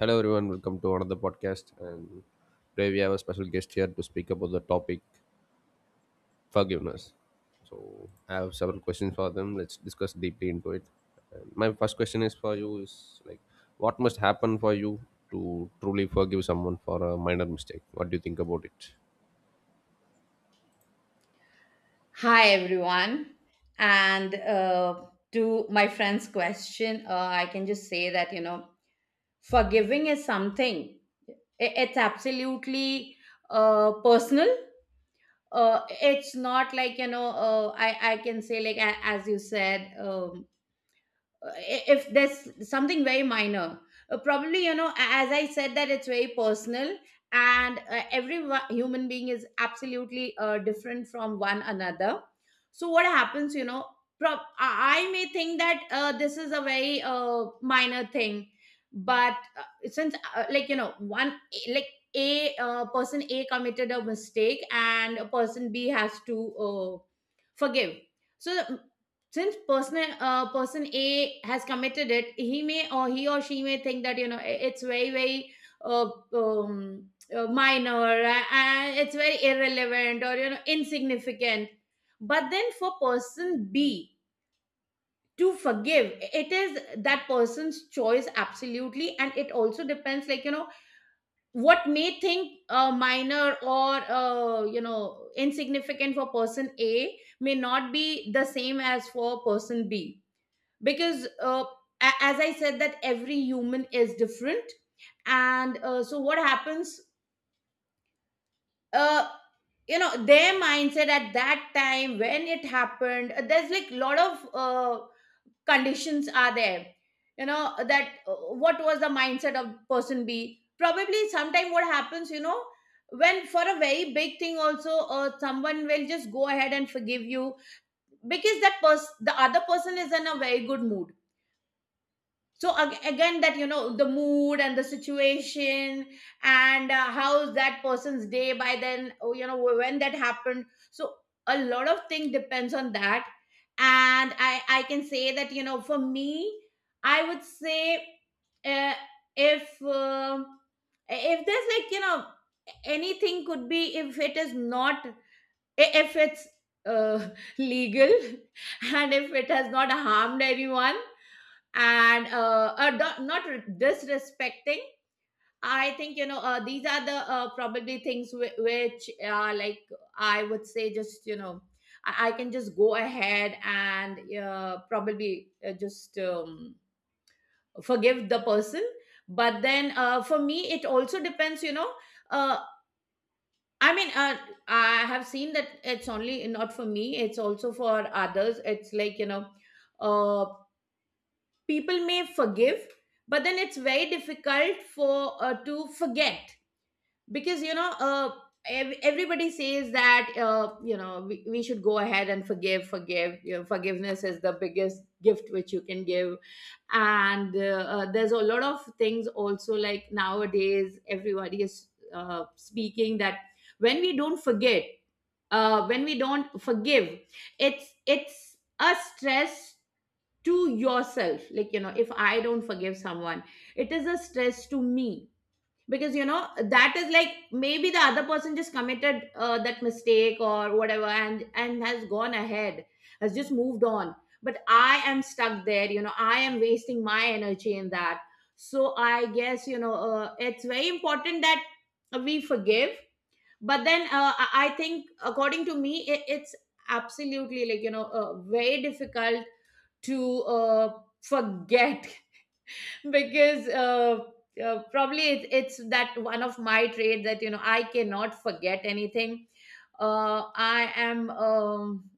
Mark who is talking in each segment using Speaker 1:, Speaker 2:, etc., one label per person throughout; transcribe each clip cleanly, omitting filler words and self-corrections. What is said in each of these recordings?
Speaker 1: Hello, everyone. Welcome to another podcast. And today we have a special guest here to speak about the topic forgiveness. So I have several questions for them. Let's discuss deeply into it. And my first question is for you: Is what must happen for you to truly forgive someone for a minor mistake? What do you think about it?
Speaker 2: Hi, everyone. And to my friend's question, I can just say that, forgiving is something. It's absolutely personal. It's not like, I can say, like, as you said, uh, if there's something very minor, probably as I said that it's very personal. And every human being is absolutely different from one another. So what happens, prob- i I may think that this is a very minor thing. But since, like, one, like, a person a committed a mistake, and a person b has to uh, forgive. So since person, person a has committed it, he may, or he or she may think that, it's very very uh, um, minor, and it's very irrelevant or, insignificant. But then, for person b to forgive, it is that person's choice absolutely. And it also depends, like, what may think minor or insignificant for person a may not be the same as for person b. Because as I said that every human is different. And so what happens? uh, their mindset at that time, when it happened, there's like a lot of conditions are there. That what was the mindset of person b. Probably sometime, what happens, when for a very big thing also, someone will just go ahead and forgive you, because that person, the other person, is in a very good mood. So again, that, the mood and the situation, and how's that person's day by then. Oh, when that happened. So a lot of thing depends on that. And I can say that, for me, I would say, uh, if, if there's, like, anything could be, if it is not, if it's uh, legal, and if it has not harmed anyone, and do- not re- disrespecting. I think, these are the probably things which are like, I would say, just, I can just go ahead and, probably, just, forgive the person. But then, for me it also depends, uh, I mean, I have seen that it's only not for me, it's also for others. It's like, uh, people may forgive, but then it's very difficult for to forget. Because, everybody says that, we should go ahead and forgive forgiveness is the biggest gift which you can give. And there's a lot of things also, like nowadays everybody is speaking that, when we don't forget, when we don't forgive, it's a stress to yourself. Like, if I don't forgive someone, it is a stress to me. Because, that is, like, maybe the other person just committed that mistake or whatever, and has gone ahead, has just moved on, but I am stuck there. I am wasting my energy in that. So I guess, it's very important that we forgive. But then, I think, according to me, it's absolutely, like, very difficult to forget. Because, probably, it's that one of my trait that, I cannot forget anything. I am, um,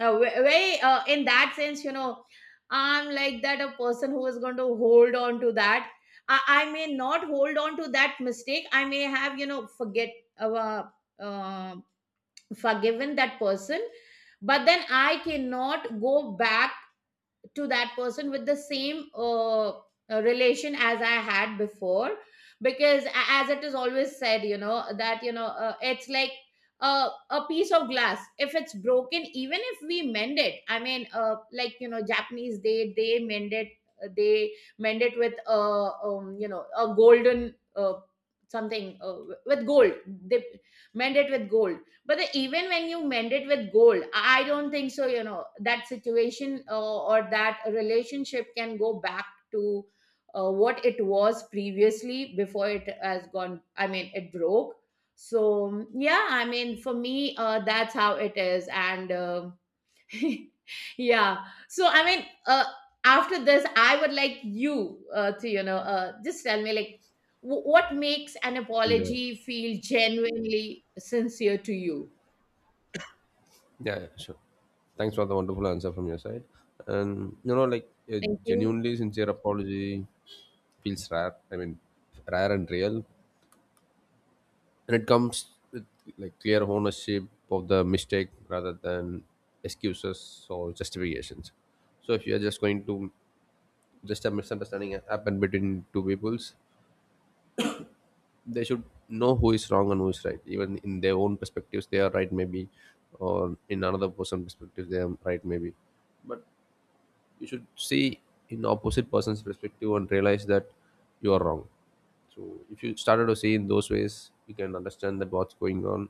Speaker 2: uh, ve- very in that sense, I'm like that, a person who is going to hold on to that. I may not hold on to that mistake. I may have, forget, uh, uh, um, forgiven that person, but then I cannot go back to that person with the same relation as I had before. Because, as it is always said, that, it's like a piece of glass. If it's broken, even if we mend it, I mean, like, Japanese, they mend it, they mend it with a a golden, something, with gold. They mend it with gold, but, even when you mend it with gold, I don't think so, that situation, or that relationship, can go back to what it was previously, before it has gone. I mean, it broke. So yeah, I mean, for me, that's how it is. And yeah. So I mean, after this, I would like you to, just tell me, like, what makes an
Speaker 1: Yeah.
Speaker 2: apology feel genuinely sincere to you.
Speaker 1: Yeah, yeah, sure. Thanks for the wonderful answer from your side. And A
Speaker 2: Thank you.
Speaker 1: genuinely sincere apology feels rare. Rare and real. And it comes with like clear ownership of the mistake rather than excuses or justifications. So if you are just going to, just a misunderstanding happened between two peoples, they should know who is wrong and who is right. Even in their own perspectives they are right maybe, or in another person's perspective they are right maybe, you should see in opposite person's perspective and realize that you are wrong. So if you started to see in those ways, you can understand that what's going on.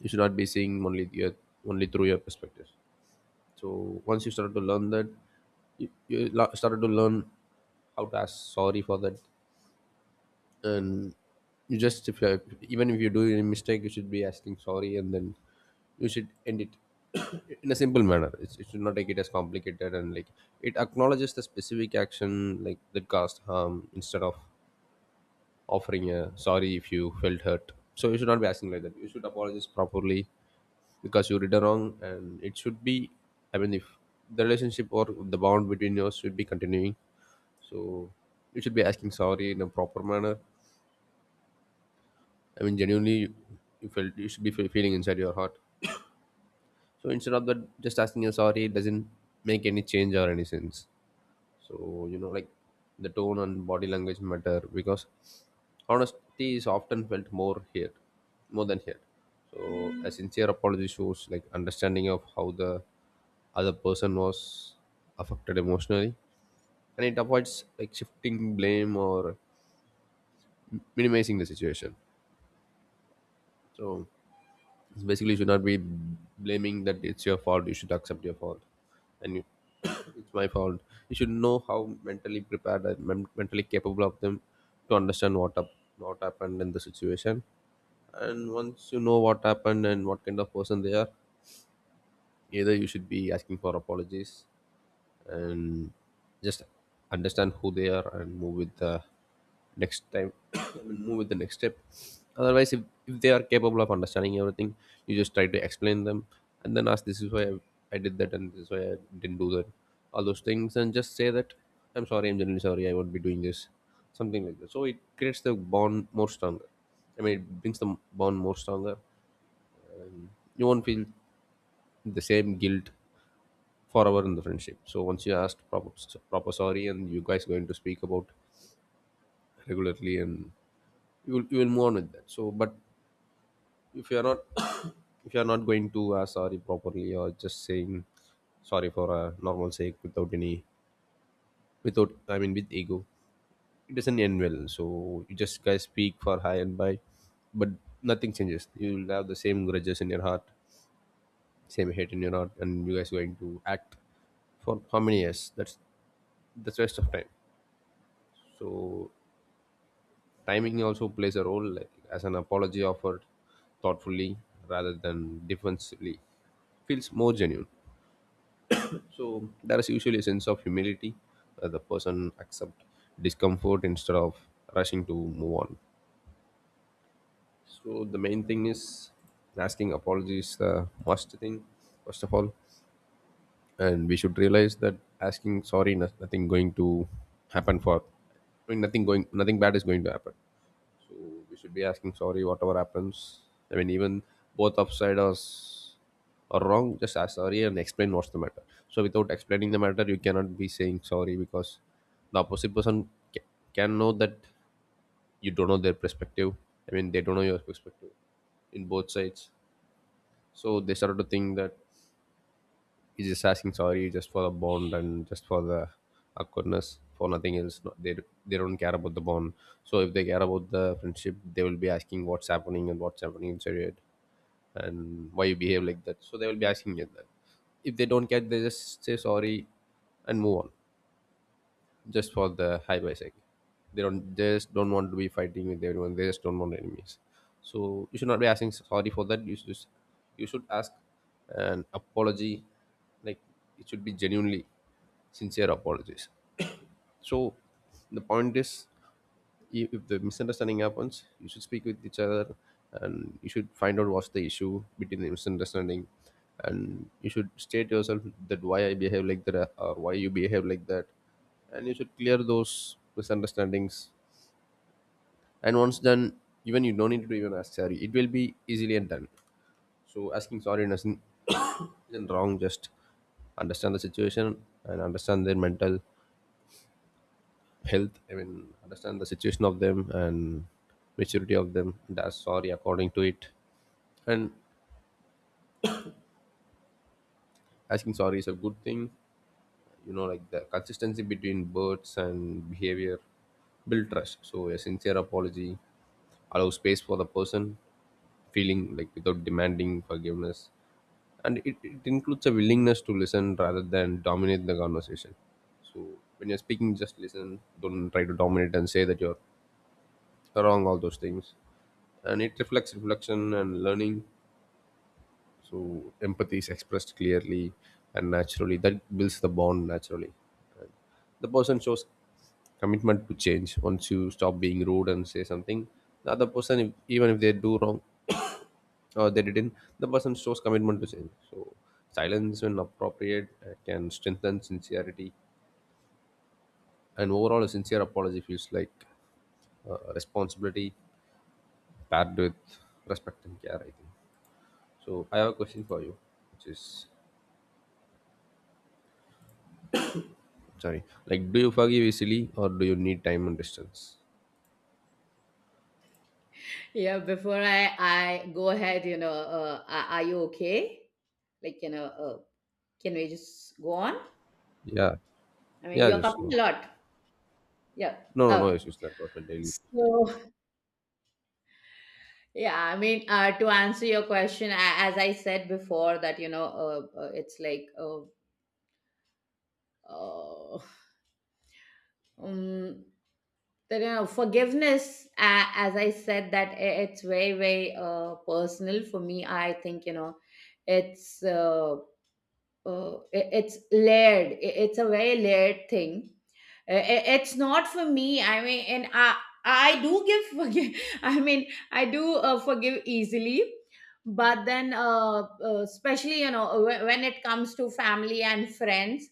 Speaker 1: You should not be seeing only your, only through your perspective. So once you started to learn that, you started to learn how to ask sorry for that. And you just if you, even if you do any mistake, you should be asking sorry, and then you should end it in a simple manner. It should not take it as complicated. And like it acknowledges the specific action like that caused harm, instead of offering a sorry if you felt hurt. So you should not be asking like that. You should apologize properly, because you read a wrong, and it should be, I mean, if the relationship or the bond between us should be continuing, so you should be asking sorry in a proper manner. I mean, you felt, you should be feeling inside your heart. So instead of that, just asking you sorry doesn't make any change or any sense. So you know, like the tone and body language matter, because honesty is often felt more here more than here. So a sincere apology shows like understanding of how the other person was affected emotionally, and it avoids like shifting blame or minimizing the situation. So it's basically, you should not be blaming that it's your fault. You should accept your fault. And it's my fault. You should know how mentally prepared and mentally capable of them to understand what happened in the situation. And once you know what happened and what kind of person they are, either you should be asking for apologies, and just understand who they are and move with the next time. I mean, move with the next step. Otherwise, if they are capable of understanding everything, you just try to explain them and then ask, this is I did that, and this is why I didn't do that, all those things. And just say that I'm sorry, I'm generally sorry, I won't be doing this, something like that. So it creates the bond more stronger. I mean, it brings the bond more stronger. You won't feel the same guilt forever in the friendship. So once you asked proper, proper sorry, and you guys going to speak about regularly, and you will move on with that. So, but if you are not if you are not going to ask sorry properly, or just saying sorry for a normal sake without any, without, I mean, with ego, it doesn't end well. So you just guys speak for hi and bye, but nothing changes. You will have the same grudges in your heart, same hate in your heart, and you guys going to act for how many years? That's waste of time. So timing also plays a role, like as an apology offered thoughtfully rather than defensively feels more genuine. So there is usually a sense of humility where the person accept discomfort instead of rushing to move on. So the main thing is asking apologies the must thing, first of all, and we should realize that asking sorry, nothing going to happen for, I mean, nothing going, nothing bad is going to happen. So we should be asking sorry whatever happens. I mean, even both upside us are wrong. Just ask sorry and explain what's the matter. So without explaining the matter, you cannot be saying sorry, because the opposite person can know that you don't know their perspective. I mean, they don't know your perspective in both sides. So they started to think that he's just asking sorry just for the bond and just for the awkwardness, for nothing else. No, they don't care about the bond. So if they care about the friendship, they will be asking what's happening and what's happening inside it, and why you behave like that. So they will be asking you that. If they don't care, they just say sorry and move on, just for the high by sake. They just don't want to be fighting with everyone. They just don't want enemies. So you should not be asking sorry for that. You should ask an apology. Like it should be genuinely sincere apologies. So the point is, if the misunderstanding happens, you should speak with each other, and you should find out what's the issue between the misunderstanding, and you should state yourself that why I behave like that or why you behave like that, and you should clear those misunderstandings. And once done, even you don't need to even ask sorry, it will be easily and done. So asking sorry doesn't isn't wrong. Just understand the situation, and understand their mental health, I mean, understand the situation of them and maturity of them, and ask sorry according to it. And asking sorry is a good thing. You know, like the consistency between words and behavior build trust. So a sincere apology allows space for the person feeling like without demanding forgiveness, and it includes a willingness to listen rather than dominate the conversation. So when you're speaking, just listen, don't try to dominate and say that you're wrong, all those things. And it reflects reflection and learning. So empathy is expressed clearly and naturally. That builds the bond naturally. The person shows commitment to change. Once you stop being rude and say something, the other person, if, even if they do wrong or they didn't, the person shows commitment to change. So silence, when appropriate, can strengthen sincerity. And overall, a sincere apology feels like responsibility paired with respect and care, I think. So I have a question for you, which is, sorry, like, do you forgive easily or do you need time and distance?
Speaker 2: Yeah, before I go ahead, are you okay? Like, can we just go on?
Speaker 1: Yeah.
Speaker 2: I mean,
Speaker 1: Yeah,
Speaker 2: you're
Speaker 1: just
Speaker 2: coughing
Speaker 1: no.
Speaker 2: a lot. Yeah.
Speaker 1: No, no
Speaker 2: Okay.
Speaker 1: issues. That was my daily.
Speaker 2: So yeah, I mean, to answer your question, as I said before, that, it's like, uh, um, that, forgiveness, as I said, that it's very very personal for me. I think, it's, it's layered. It's a very layered thing. It's not for me, I mean. And I do give forgive. I mean, I do forgive easily, but then, especially, when it comes to family and friends,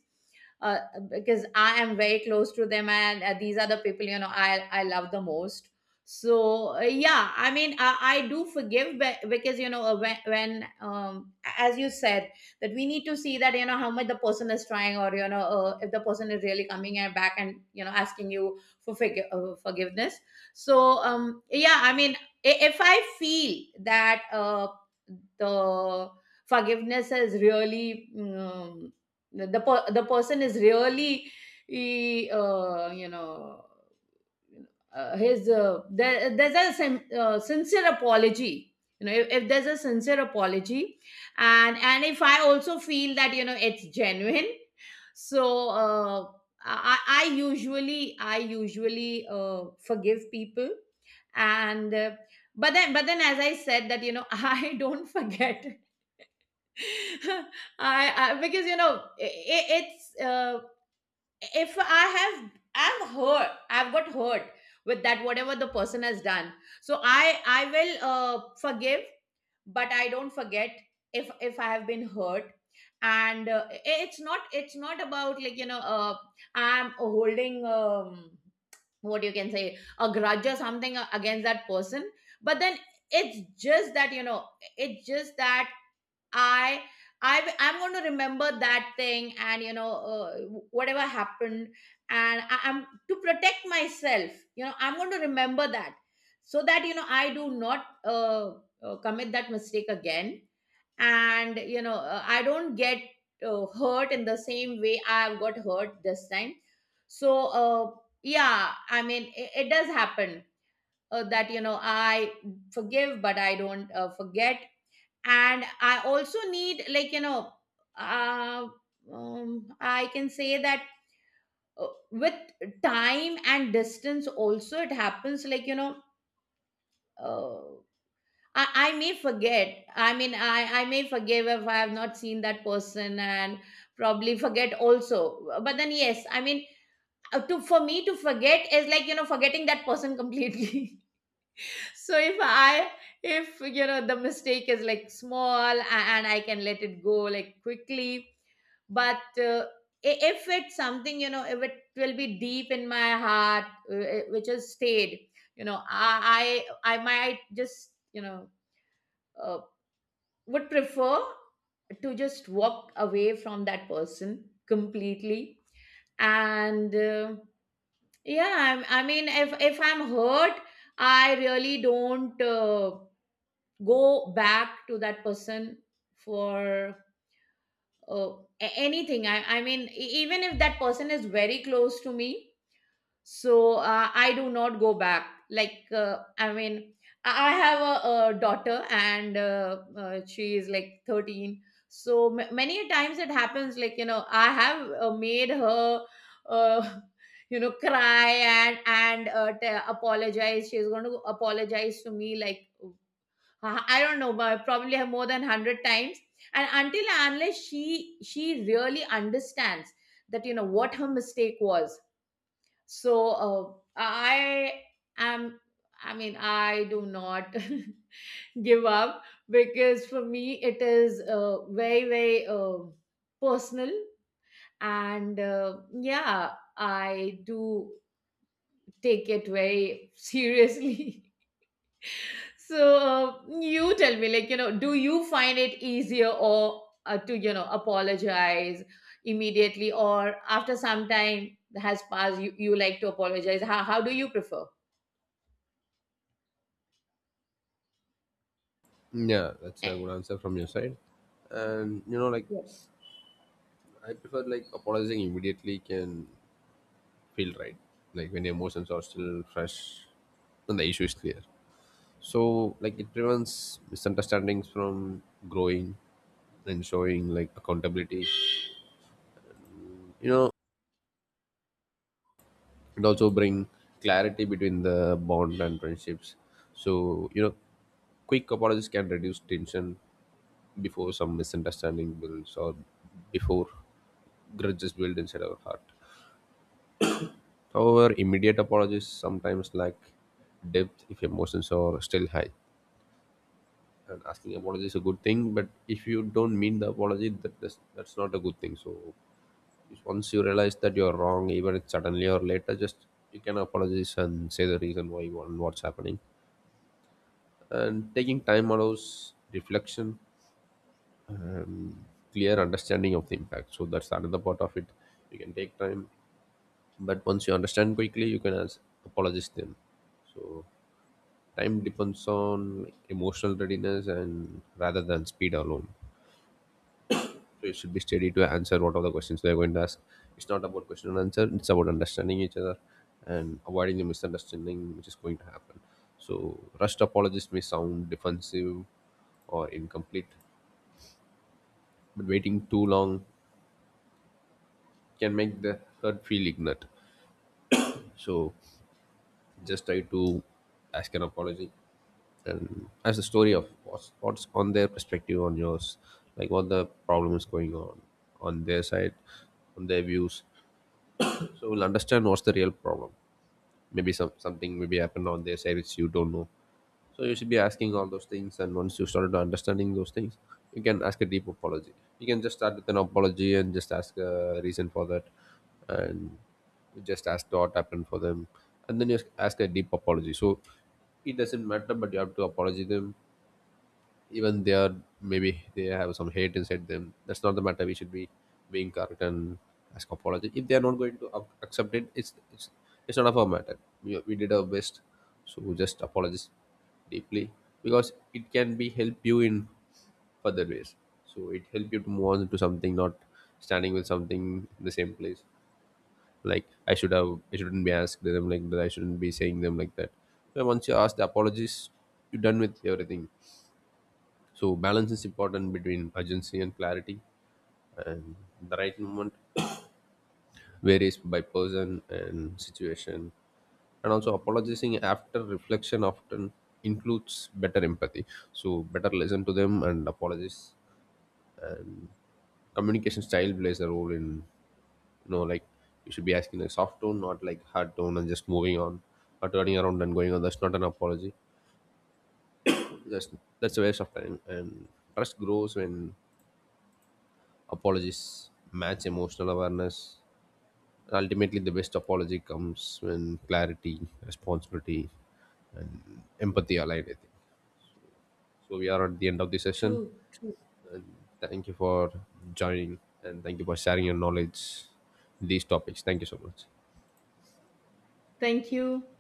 Speaker 2: uh, because I am very close to them, and these are the people, I love the most. So, uh, yeah, I mean, I do forgive, because, when um, as you said, that we need to see that, how much the person is trying, or, if the person is really coming and back and, asking you for, forgiveness. So, yeah, I mean, if I feel that, the forgiveness is really, the person is really, you know his there's a sincere apology. If there's a sincere apology, and if I also feel that, it's genuine, so, I usually, I usually forgive people. And, but then, as I said, that, I don't forget. I, because, you know I it's, if I have, I'm hurt, I've got hurt with that, whatever the person has done. So I will forgive, but I don't forget, if I have been hurt. And it's not, it's not about, like, I'm holding, what you can say, a grudge or something against that person. But then, it's just that, it's just that, I I I'm going to remember that thing, and, whatever happened. And, I'm to protect myself, I'm going to remember that, so that, I do not, commit that mistake again. And, I don't get hurt in the same way I've got hurt this time. So, yeah, I mean, it does happen, that, I forgive, but I don't forget. And I also need, like, uh, I can say that, with time and distance also, it happens, like, uh, I may forget. I mean, I may forgive if I have not seen that person and probably forget also. But then, yes, I mean, to, for me to forget is, like, forgetting that person completely. So if I, if, the mistake is, like, small, and I can let it go, like, quickly. But, if it's something, if it will be deep in my heart, which has stayed, I might just, uh, would prefer to just walk away from that person completely. And, yeah, I mean, if I'm hurt, I really don't. Go back to that person for, uh, anything. I mean, even if that person is very close to me. So, I do not go back, like, I mean, I have a daughter, and, she is like 13. So ma many a times it happens, like, I have made her uh, you know cry, and apologize. She's going to apologize to me, like, I don't know, but probably have more than 100 times. And until and unless she really understands that, what her mistake was. So I am, I mean, I do not give up, because for me it is very very personal. And yeah, I do take it very seriously. So, you tell me, like, do you find it easier, or, to, apologize immediately or after some time has passed? You like to apologize? How do you prefer?
Speaker 1: Yeah, that's a
Speaker 2: Eh,
Speaker 1: good answer from your side. And, you know, like,
Speaker 2: yeah.
Speaker 1: I prefer, like, apologizing immediately can feel right. Like, when emotions are still fresh and the issue is clear. So, like, it prevents misunderstandings from growing and showing, like, accountability. You know, it also bring clarity between the bond and friendships. So, you know, quick apologies can reduce tension before some misunderstanding builds, or before grudges build inside our heart. However, immediate apologies sometimes lack depth if emotions are still high. And asking apology is a good thing, but if you don't mean the apology, that's not a good thing. So once you realize that you're wrong, even if suddenly or later, just you can apologize and say the reason why you want what's happening. And taking time allows reflection, um, clear understanding of the impact. So that's another part of it. You can take time, but once you understand quickly, you can as apologize them. So time depends on emotional readiness and rather than speed alone. So you should be steady to answer what are the questions they're going to ask. It's not about question and answer. It's about understanding each other and avoiding the misunderstanding which is going to happen. So rushed apologies may sound defensive or incomplete, but waiting too long can make the hurt feel ignorant. So just try to ask an apology and ask the story of what's on their perspective on yours, like what the problem is going on their side, on their views. So we'll understand what's the real problem. Maybe some something maybe happened on their side which you don't know. So you should be asking all those things, and once you started understanding those things, you can ask a deep apology. You can just start with an apology and just ask a reason for that, and you just ask what happened for them, and then you ask a deep apology. So it doesn't matter, but you have to apologize them. Even they are, maybe they have some hate inside them, that's not the matter. We should be being correct and ask apology. If they are not going to accept it, it's not of our matter. We we did our best. So just apologize deeply, because it can be help you in further ways. So it help you to move on to something, not standing with something in the same place, like I should have, I shouldn't be asked them like that, I shouldn't be saying them like that. So once you ask the apologies, you're done with everything. So balance is important between urgency and clarity, and the right moment varies by person and situation. And also, apologizing after reflection often includes better empathy. So better listen to them and apologize. And communication style plays a role in, you know, like you should be asking a soft tone, not like hard tone, and just moving on or turning around and going on. That's not an apology. That's that's a waste of time. And trust grows when apologies match emotional awareness. Ultimately, the best apology comes when clarity, responsibility, empathy align, I think. So we are at the end of the session.
Speaker 2: True, true.
Speaker 1: Thank you for joining and thank you for sharing your knowledge in these topics. Thank you so much.
Speaker 2: Thank you.